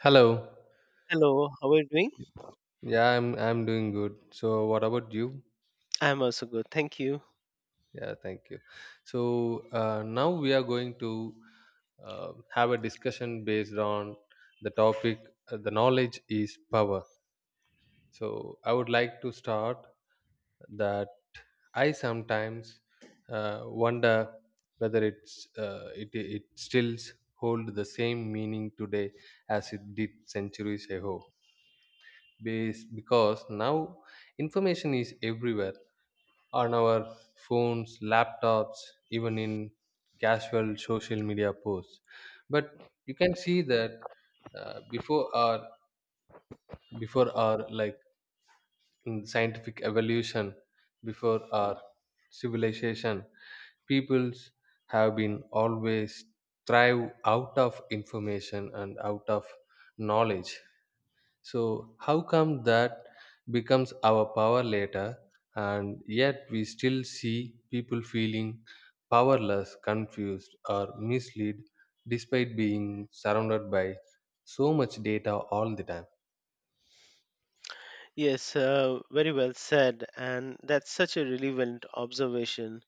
Hello. Hello, how are you doing? Yeah, I'm doing good. So what about you? I'm also good, thank you. Yeah, thank you. So Now we are going to have a discussion based on the topic, the knowledge is power. So I would like to start that I sometimes wonder whether it still hold the same meaning today as it did centuries ago. Base because now information is everywhere on our phones, laptops, even in casual social media posts. But you can see that before our like in scientific evolution, before our civilization, peoples have been always thrive out of information and out of knowledge. So, how come that becomes our power later, and yet we still see people feeling powerless, confused, or misled despite being surrounded by so much data all the time? Yes, very well said, and that's such a relevant observation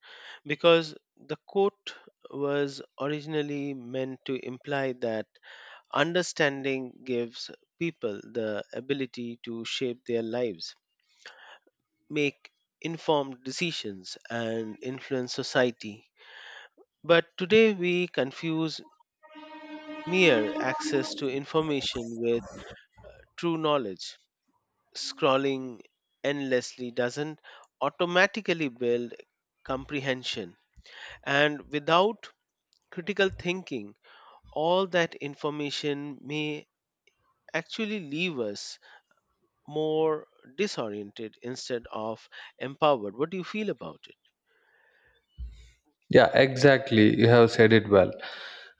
because the quote was originally meant to imply that understanding gives people the ability to shape their lives, make informed decisions, and influence society. But today we confuse mere access to information with true knowledge scrolling endlessly doesn't automatically build comprehension. And without critical thinking, all that information may actually leave us more disoriented instead of empowered. What do you feel about it? Yeah, exactly. You have said it well.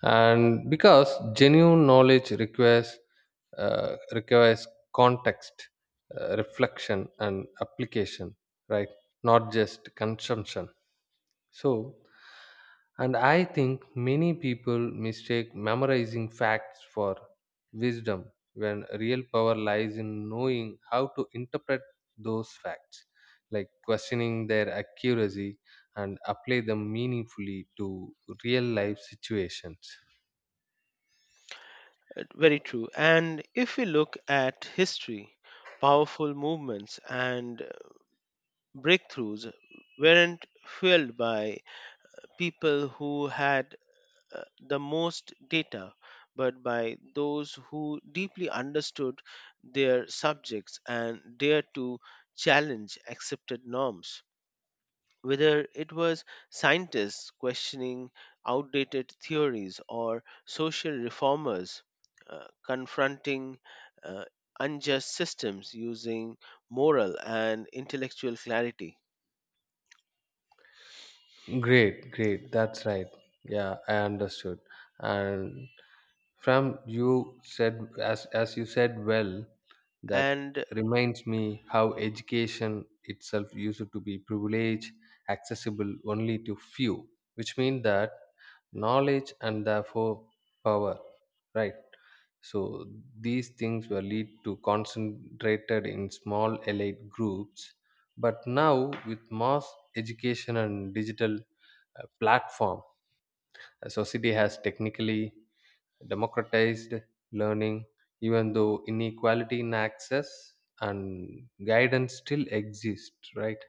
And because genuine knowledge requires uh, requires context, reflection, and application, right? Not just consumption. So, and I think many people mistake memorizing facts for wisdom when real power lies in knowing how to interpret those facts, like questioning their accuracy and apply them meaningfully to real life situations. Very true. And if we look at history, powerful movements and breakthroughs weren't fueled by people who had the most data, but by those who deeply understood their subjects and dared to challenge accepted norms. Whether it was scientists questioning outdated theories or social reformers confronting uh, unjust systems using moral and intellectual clarity. Great, great. That's right. Yeah, I understood. And from you said as you said well that And reminds me how education itself used to be privilege accessible only to few, which means that knowledge and therefore power, right? So these things were lead to concentrated in small elite groups, but now with mass education and digital platform, a society has technically democratized learning, even though inequality in access and guidance still exist, right?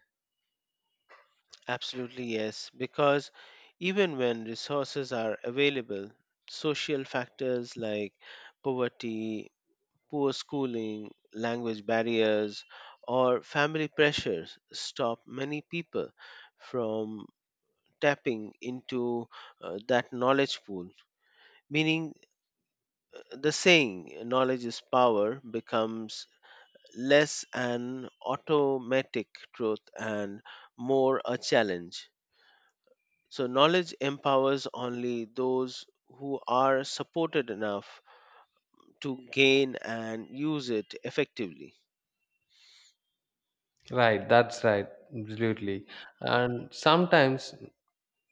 absolutely, yes, because even when resources are available, social factors like poverty, poor schooling, language barriers, or family pressures stop many people from tapping into that knowledge pool. Meaning, the saying, knowledge is power, becomes less an automatic truth and more a challenge. So, knowledge empowers only those who are supported enough to gain and use it effectively. Right, that's right, absolutely. And sometimes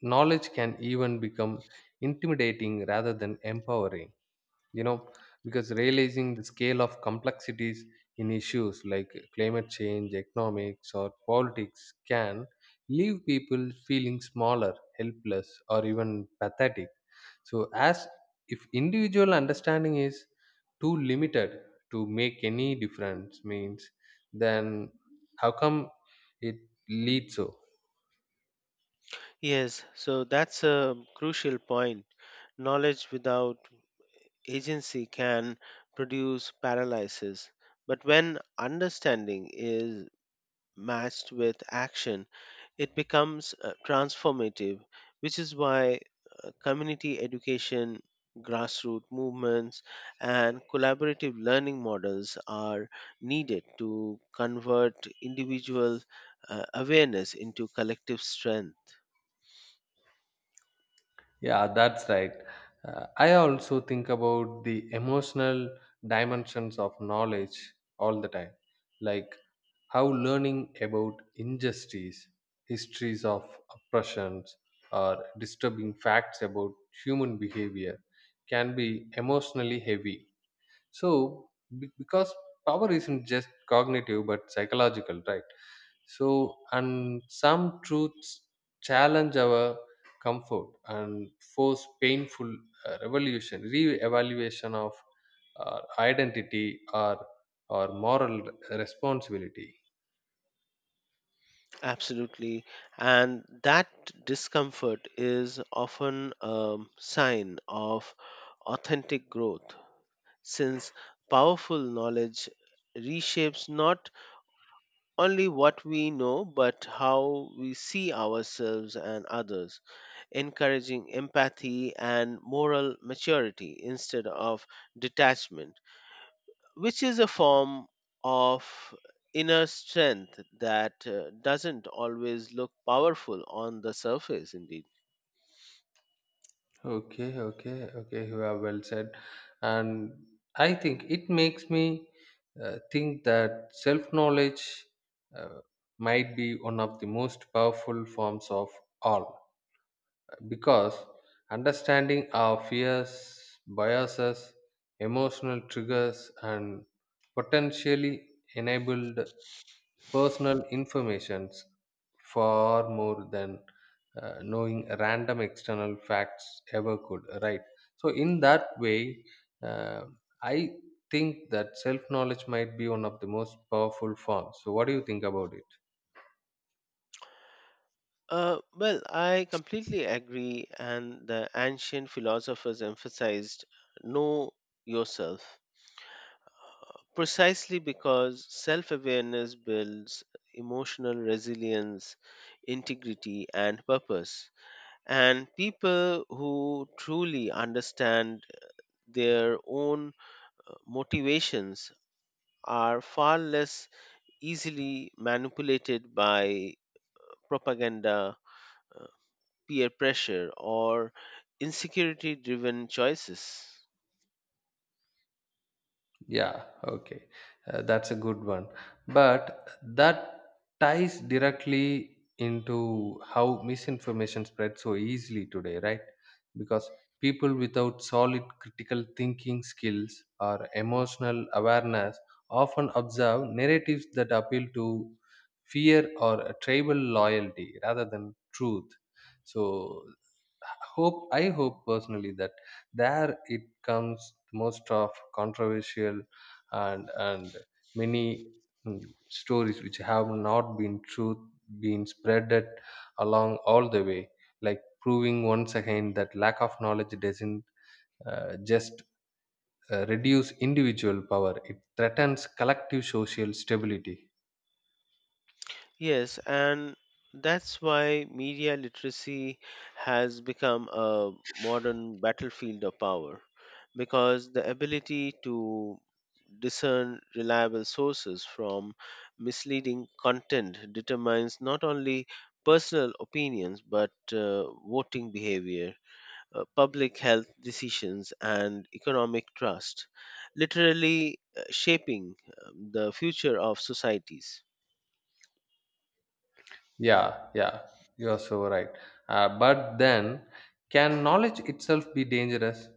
knowledge can even become intimidating rather than empowering. you know because realizing the scale of complexities in issues like climate change, economics, or politics can leave people feeling smaller, helpless, or even pathetic, so as if individual understanding is too limited to make any difference means then how come it leads so. Yes, so that's a crucial point. Knowledge without agency can produce paralysis, but when understanding is matched with action, it becomes transformative, which is why community education, grassroots movements, and collaborative learning models are needed to convert individual awareness into collective strength. Yeah, that's right. I also think about the emotional dimensions of knowledge all the time, like how learning about injustice, histories of oppressions, or disturbing facts about human behavior can be emotionally heavy. So, because power isn't just cognitive but psychological, right? So, and some truths challenge our comfort and force painful revolution, re-evaluation of identity or moral responsibility. Absolutely. And that discomfort is often a sign of authentic growth since powerful knowledge reshapes not only what we know but how we see ourselves and others, encouraging empathy and moral maturity instead of detachment, which is a form of inner strength that doesn't always look powerful on the surface indeed. Okay, okay, okay. You have well said, and I think it makes me think that self-knowledge uh, might be one of the most powerful forms of all. Because understanding our fears, biases, emotional triggers, and potentially enabled personal informations far more than knowing random external facts ever could, right? So, in that way, uh, I think that self knowledge might be one of the most powerful forms. So, what do you think about it? Well, I completely agree, and the ancient philosophers emphasized know yourself precisely because self awareness builds emotional resilience, integrity, and purpose. And people who truly understand their own motivations are far less easily manipulated by propaganda uh, peer pressure, or insecurity driven choices. Yeah, okay. That's a good one. But that ties directly into how misinformation spreads so easily today, right? Because people without solid critical thinking skills or emotional awareness often observe narratives that appeal to fear or a tribal loyalty rather than truth. So hope I hope personally that there it comes most of controversial and many stories which have not been truth been spreaded along all the way, like proving once again that lack of knowledge doesn't just reduce individual power, it threatens collective social stability. Yes, and that's why media literacy has become a modern battlefield of power because the ability to discern reliable sources from misleading content determines not only personal opinions but voting behavior, public health decisions, and economic trust, literally shaping the future of societies. Yeah, yeah, you are so right. But then, can knowledge itself be dangerous?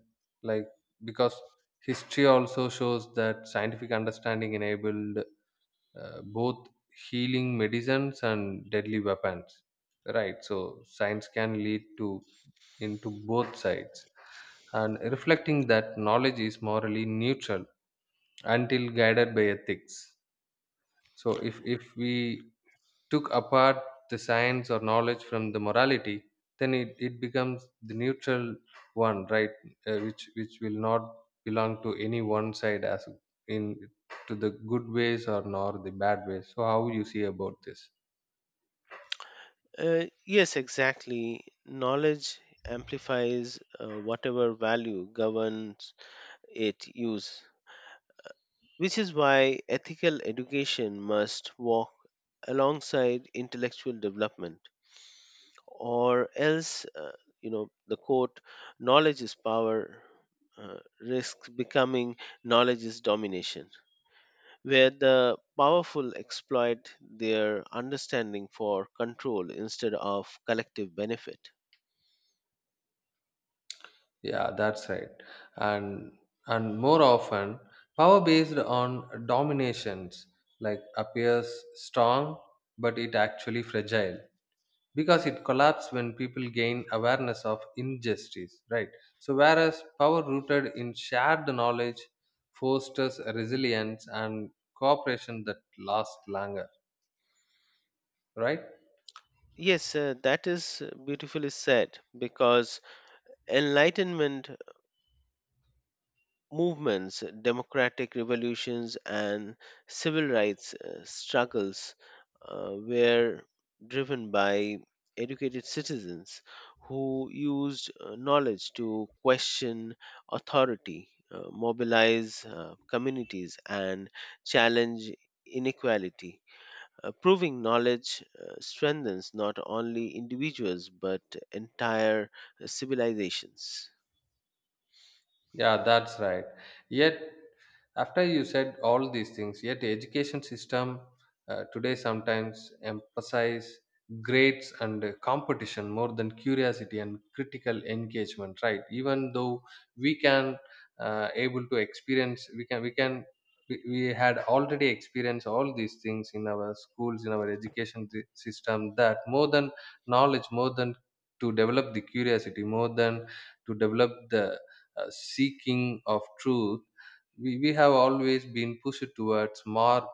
Like, because history also shows that scientific understanding enabled both healing medicines and deadly weapons. Right, so science can lead to into both sides, and reflecting that knowledge is morally neutral until guided by ethics. So, if we took apart the science or knowledge from the morality, then it becomes the neutral one, right? Which will not belong to any one side as in to the good ways or nor the bad ways, so how you see about this? Yes, exactly. Knowledge amplifies whatever value governs its use, which is why ethical education must walk alongside intellectual development. Or else, you know, the quote knowledge is power risks becoming knowledge is domination, where the powerful exploit their understanding for control instead of collective benefit. Yeah, that's right. and and more often power based on dominations like appears strong but it actually fragile because it collapses when people gain awareness of injustice, right? So whereas power rooted in shared knowledge fosters resilience and cooperation that lasts longer, right? Yes, that is beautifully said because enlightenment movements, democratic revolutions, and civil rights struggles were driven by educated citizens who used knowledge to question authority, mobilize communities, and challenge inequality. Proving knowledge strengthens not only individuals but entire civilizations. Yeah, that's right. Yet, after you said all these things, yet education system today sometimes emphasize grades and competition more than curiosity and critical engagement, right? Even though we can able to experience, we had already experienced all these things in our schools, in our education system. That more than knowledge, more than to develop the curiosity, more than to develop the seeking of truth, we have always been pushed towards mark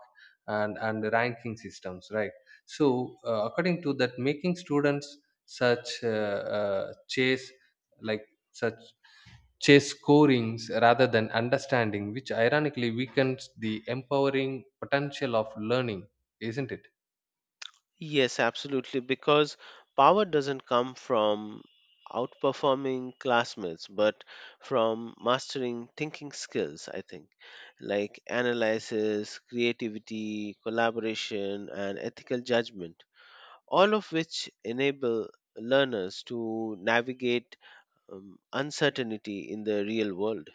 and ranking systems, right? So, according to that, making students such chase like such chase scorings rather than understanding, which ironically weakens the empowering potential of learning, isn't it? Yes, absolutely, because power doesn't come from outperforming classmates, but from mastering thinking skills, I think, like analysis, creativity, collaboration, and ethical judgment, all of which enable learners to navigate uncertainty in the real world.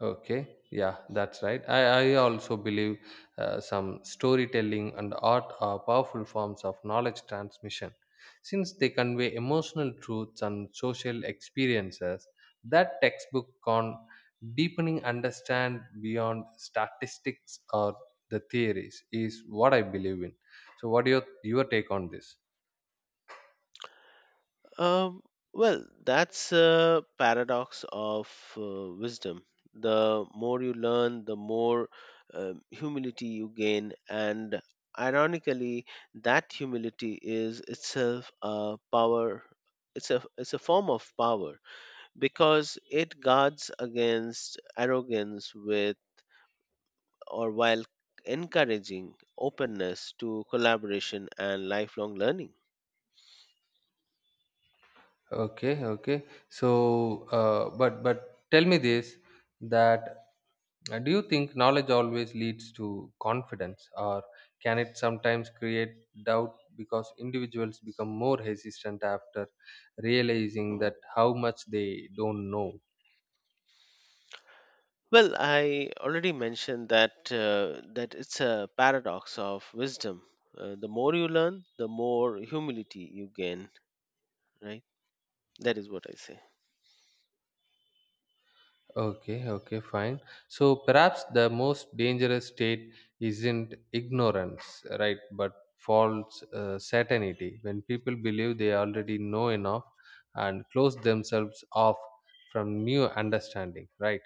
Okay, yeah, that's right. I also believe some storytelling and art are powerful forms of knowledge transmission since they convey emotional truths and social experiences that textbook can deepening understand beyond statistics or the theories is what I believe in. So what your take on this? Um, well, that's a paradox of wisdom. The more you learn, the more humility you gain, and ironically, that humility is itself a power. It's a form of power because it guards against arrogance with or while encouraging openness to collaboration and lifelong learning. Okay, okay. So but tell me this that do you think knowledge always leads to confidence, or can it sometimes create doubt because individuals become more hesitant after realizing that how much they don't know? Well, I already mentioned that it's a paradox of wisdom. The more you learn, the more humility you gain, right? That is what I say. Okay, okay, fine. So perhaps the most dangerous state isn't ignorance, right, but false certainty when people believe they already know enough and close themselves off from new understanding, right?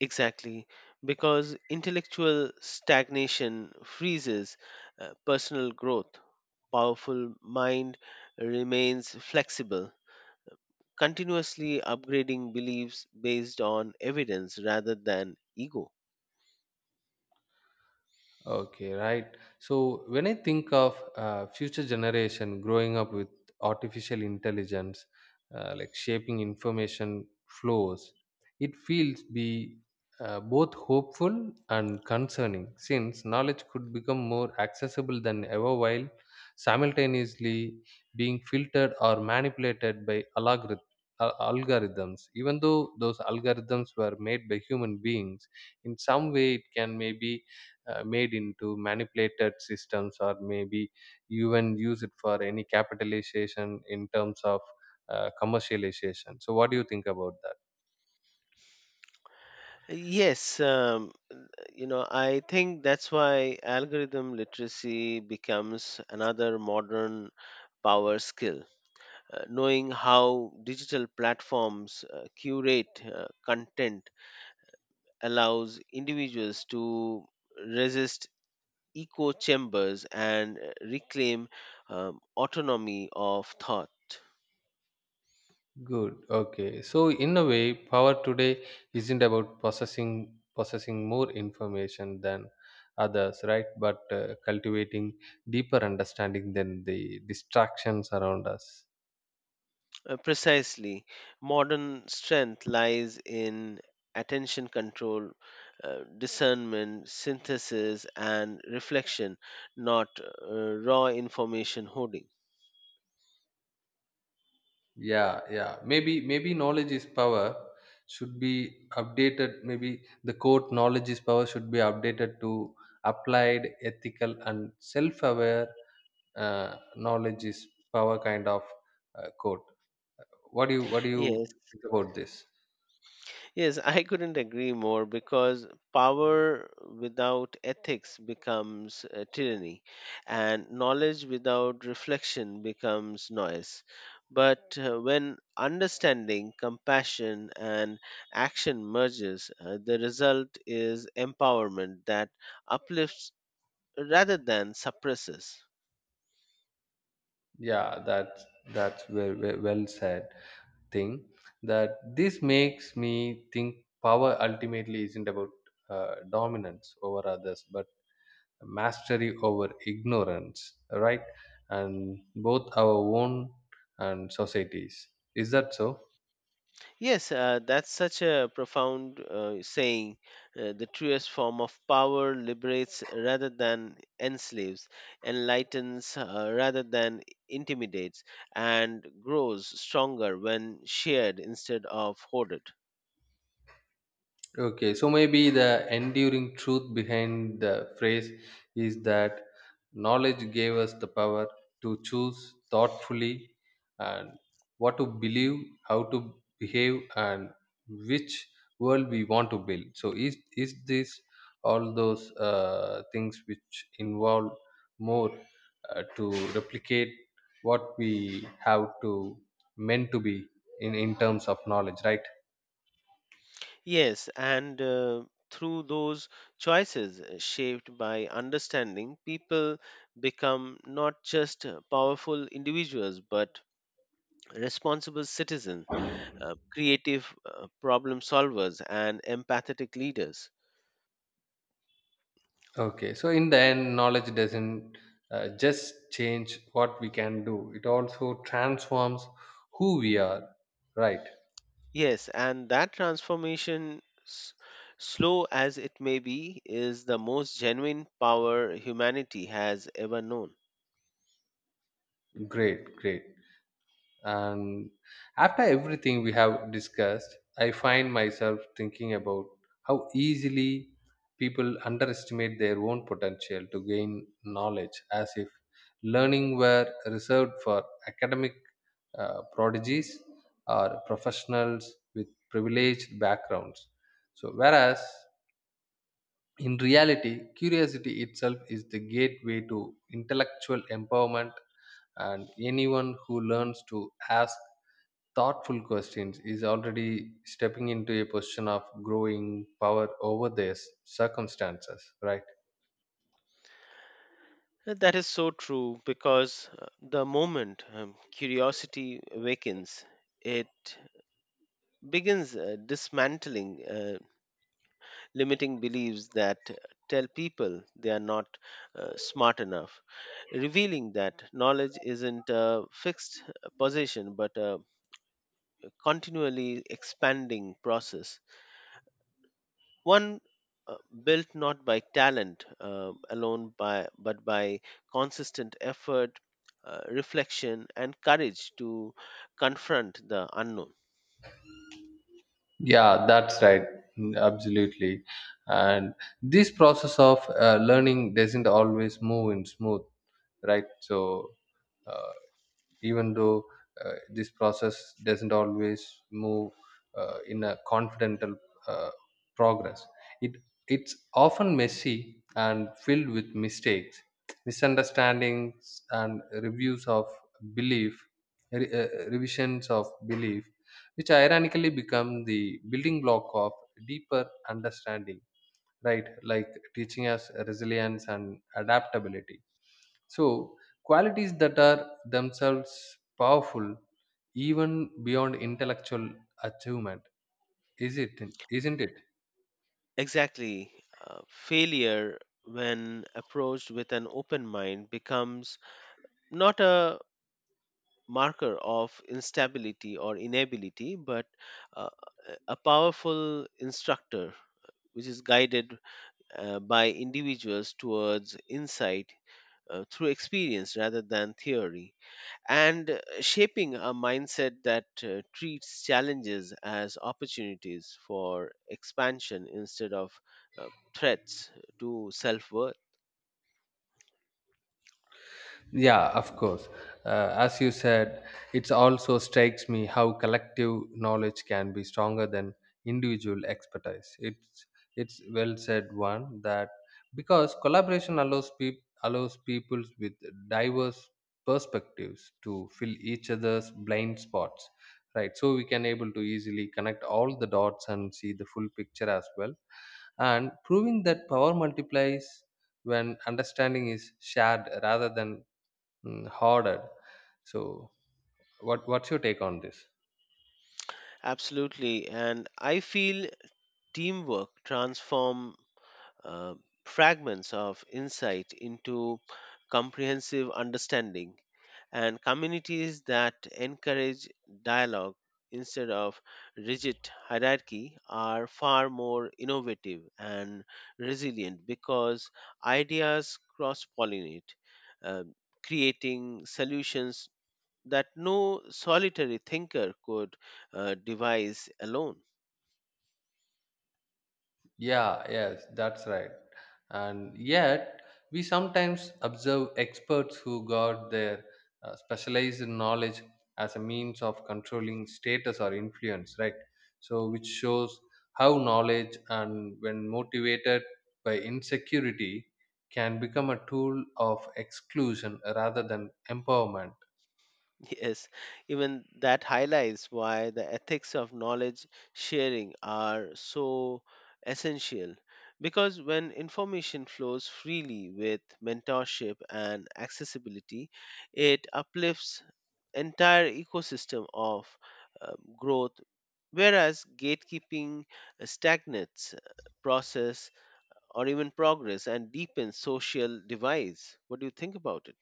Exactly, because intellectual stagnation freezes personal growth. Powerful mind remains flexible, continuously upgrading beliefs based on evidence rather than ego. Okay, right. So when I think of future generation growing up with artificial intelligence, like shaping information flows, it feels be both hopeful and concerning since knowledge could become more accessible than ever while simultaneously being filtered or manipulated by algorithms. Even though those algorithms were made by human beings, in some way it can maybe made into manipulated systems or maybe even use it for any capitalization in terms of commercialization, so what do you think about that? Yes, you know, I think that's why algorithm literacy becomes another modern power skill. Knowing how digital platforms curate content allows individuals to resist echo chambers and reclaim autonomy of thought. Good, okay, so in a way power today isn't about possessing more information than others, right? But cultivating deeper understanding than the distractions around us. Precisely. Modern strength lies in attention control, discernment, synthesis, and reflection, not raw information hoarding. Yeah, yeah, maybe knowledge is power should be updated, maybe the quote knowledge is power should be updated to applied ethical and self-aware knowledge is power kind of quote. What do you Yes. think about this? Yes, I couldn't agree more because power without ethics becomes tyranny, and knowledge without reflection becomes noise. But when understanding, compassion, and action merges, the result is empowerment that uplifts rather than suppresses. Yeah, that's very, very well said thing, that this makes me think power ultimately isn't about dominance over others but mastery over ignorance, right? And both our own and societies. Is that so? Yes, that's such a profound saying. The truest form of power liberates rather than enslaves, enlightens rather than intimidates, and grows stronger when shared instead of hoarded. Okay, so maybe the enduring truth behind the phrase is that knowledge gave us the power to choose thoughtfully and what to believe, how to behave, and which world we want to build. So, is this all those things which involve more to replicate what we have to meant to be in terms of knowledge, right? Yes, and through those choices shaped by understanding, people become not just powerful individuals but responsible citizens, creative problem solvers, and empathetic leaders. Okay, so in the end, knowledge doesn't just change what we can do, it also transforms who we are. Right, Yes, and that transformation, s- slow as it may be, is the most genuine power humanity has ever known. great, great. And after everything we have discussed, I find myself thinking about how easily people underestimate their own potential to gain knowledge as if learning were reserved for academic prodigies or professionals with privileged backgrounds. So, whereas in reality, curiosity itself is the gateway to intellectual empowerment, and anyone who learns to ask thoughtful questions is already stepping into a position of growing power over their circumstances, right? That is so true because the moment curiosity awakens, it begins dismantling limiting beliefs that tell people they are not smart enough, revealing that knowledge isn't a fixed position but a continually expanding process. One uh, built not by talent alone by, but by consistent effort, reflection, and courage to confront the unknown. Yeah, that's right. Mm, absolutely. And this process of learning doesn't always move in smooth, right? So uh, even though this process doesn't always move in a confidential uh, progress, it it's often messy and filled with mistakes, misunderstandings, and reviews of belief, revisions of belief, which ironically become the building block of deeper understanding, right? Like teaching us resilience and adaptability, so qualities that are themselves powerful even beyond intellectual achievement, is it isn't it? Exactly. Failure, when approached with an open mind, becomes not a marker of instability or inability, but uh, a powerful instructor which is guided by individuals towards insight through experience rather than theory, and shaping a mindset that treats challenges as opportunities for expansion instead of uh, threats to self worth. Yeah, of course. As you said, it also strikes me how collective knowledge can be stronger than individual expertise. It's well said one that because collaboration allows peop allows people with diverse perspectives to fill each other's blind spots, right? So we can able to easily connect all the dots and see the full picture as well, and proving that power multiplies when understanding is shared rather than harder. So, what what's your take on this? Absolutely, and I feel teamwork transform uh, fragments of insight into comprehensive understanding, and communities that encourage dialogue instead of rigid hierarchy are far more innovative and resilient because ideas cross pollinate, creating solutions that no solitary thinker could devise alone. Yeah, yes, that's right. And yet, we sometimes observe experts who got their specialized knowledge as a means of controlling status or influence, right? So, which shows how knowledge and when motivated by insecurity can become a tool of exclusion rather than empowerment. Yes, even that highlights why the ethics of knowledge sharing are so essential. Because when information flows freely with mentorship and accessibility, it uplifts entire ecosystem of growth, whereas gatekeeping stagnates process or even progress and deepens social divides. What do you think about it?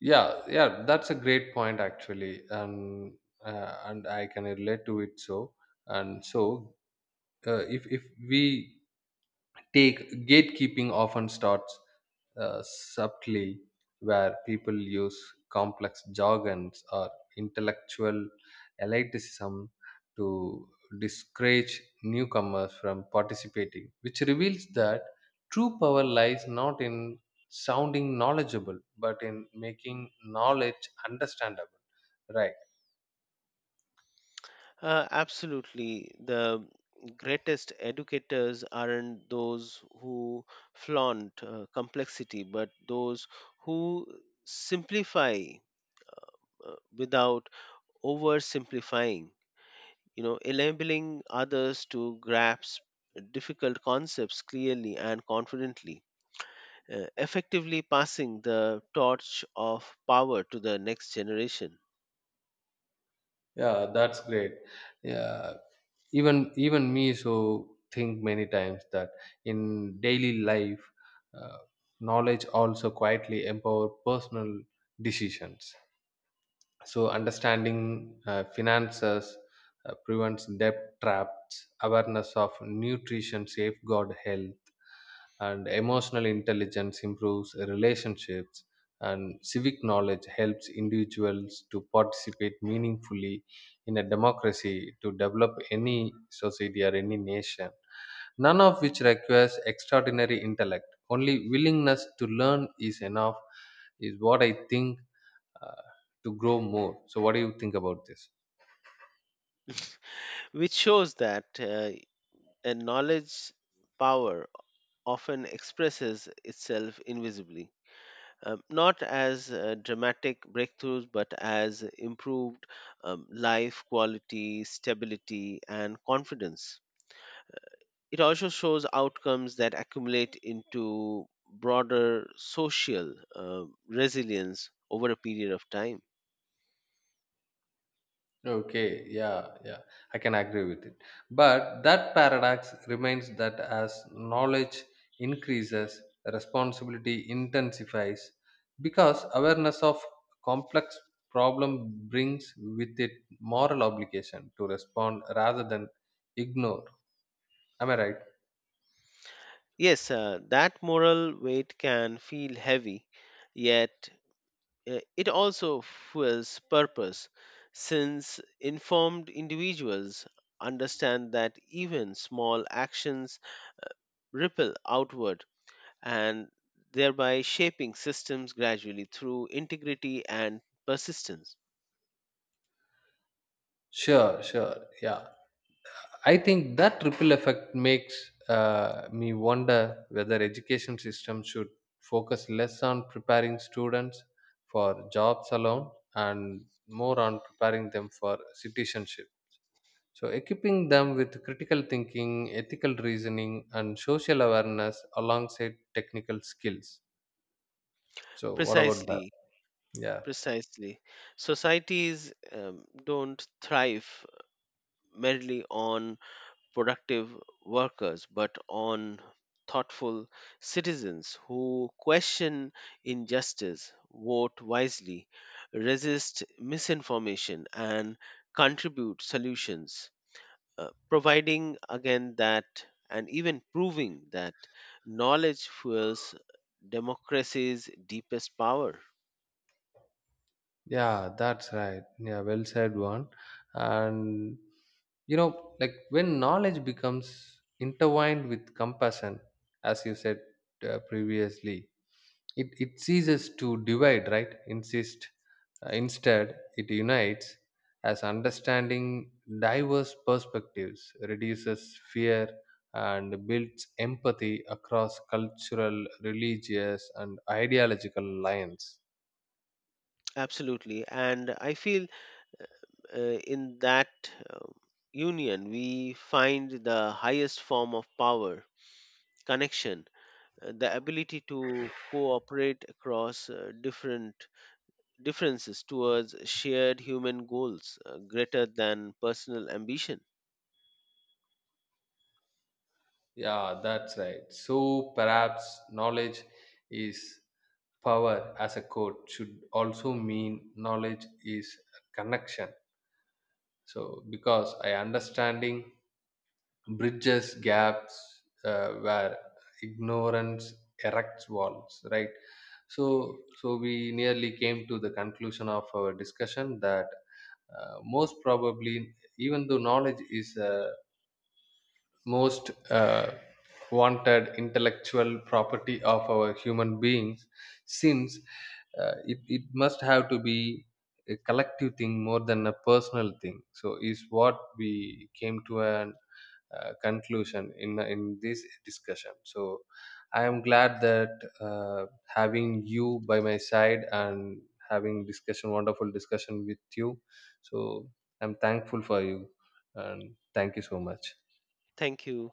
Yeah, yeah, that's a great point actually. And I can relate to it. So if we take gatekeeping often starts subtly where people use complex jargons or intellectual elitism to discourage newcomers from participating, which reveals that true power lies not in sounding knowledgeable but in making knowledge understandable, right? Absolutely. The greatest educators aren't those who flaunt complexity, but those who simplify without oversimplifying, you know, enabling others to grasp difficult concepts clearly and confidently. Effectively passing the torch of power to the next generation, Yeah, that's great. Yeah, even me, so think many times that in daily life uh, knowledge also quietly empower personal decisions. So understanding finances prevents debt traps, awareness of nutrition safeguard health, and emotional intelligence improves relationships, and civic knowledge helps individuals to participate meaningfully in a democracy to develop any society or any nation, none of which requires extraordinary intellect, only willingness to learn is enough is what I think uh, to grow more. So what do you think about this? which shows that a knowledge power often expresses itself invisibly, not as dramatic breakthroughs, but as improved life quality, stability, and confidence. It also shows outcomes that accumulate into broader social resilience over a period of time. Okay, yeah, yeah, I can agree with it. But that paradox remains that as knowledge increases, responsibility intensifies because awareness of complex problem brings with it moral obligation to respond rather than ignore. Am I right? Yes, that moral weight can feel heavy, yet it also fuels purpose, since informed individuals understand that even small actions ripple outward and thereby shaping systems gradually through integrity and persistence. Sure, sure, yeah. I think that ripple effect makes me wonder whether education system should focus less on preparing students for jobs alone and more on preparing them for citizenship. So equipping them with critical thinking, ethical reasoning, and social awareness alongside technical skills. So what about that? Precisely, Yeah, precisely. Societies don't thrive merely on productive workers, but on thoughtful citizens who question injustice, vote wisely, resist misinformation, and contribute solutions, providing again that and even proving that knowledge fuels democracy's deepest power. yeah, that's right. Yeah, well said one. And you know, like when knowledge becomes intertwined with compassion, as you said previously, it ceases to divide, right? insist Instead it unites, as understanding diverse perspectives reduces fear and builds empathy across cultural, religious, and ideological lines. Absolutely. And I feel in that uh, union we find the highest form of power connection, the ability to cooperate across different differences towards shared human goals greater than personal ambition. Yeah, that's right. So perhaps knowledge is power as a quote should also mean knowledge is a connection. So because I understanding bridges gaps where ignorance erects walls, right? So so we nearly came to the conclusion of our discussion that most probably, even though knowledge is a most wanted intellectual property of our human beings, since it must have to be a collective thing more than a personal thing, so is what we came to an conclusion in this discussion. So I am glad that having you by my side and having discussion wonderful discussion with you. So I'm thankful for you and thank you so much. Thank you.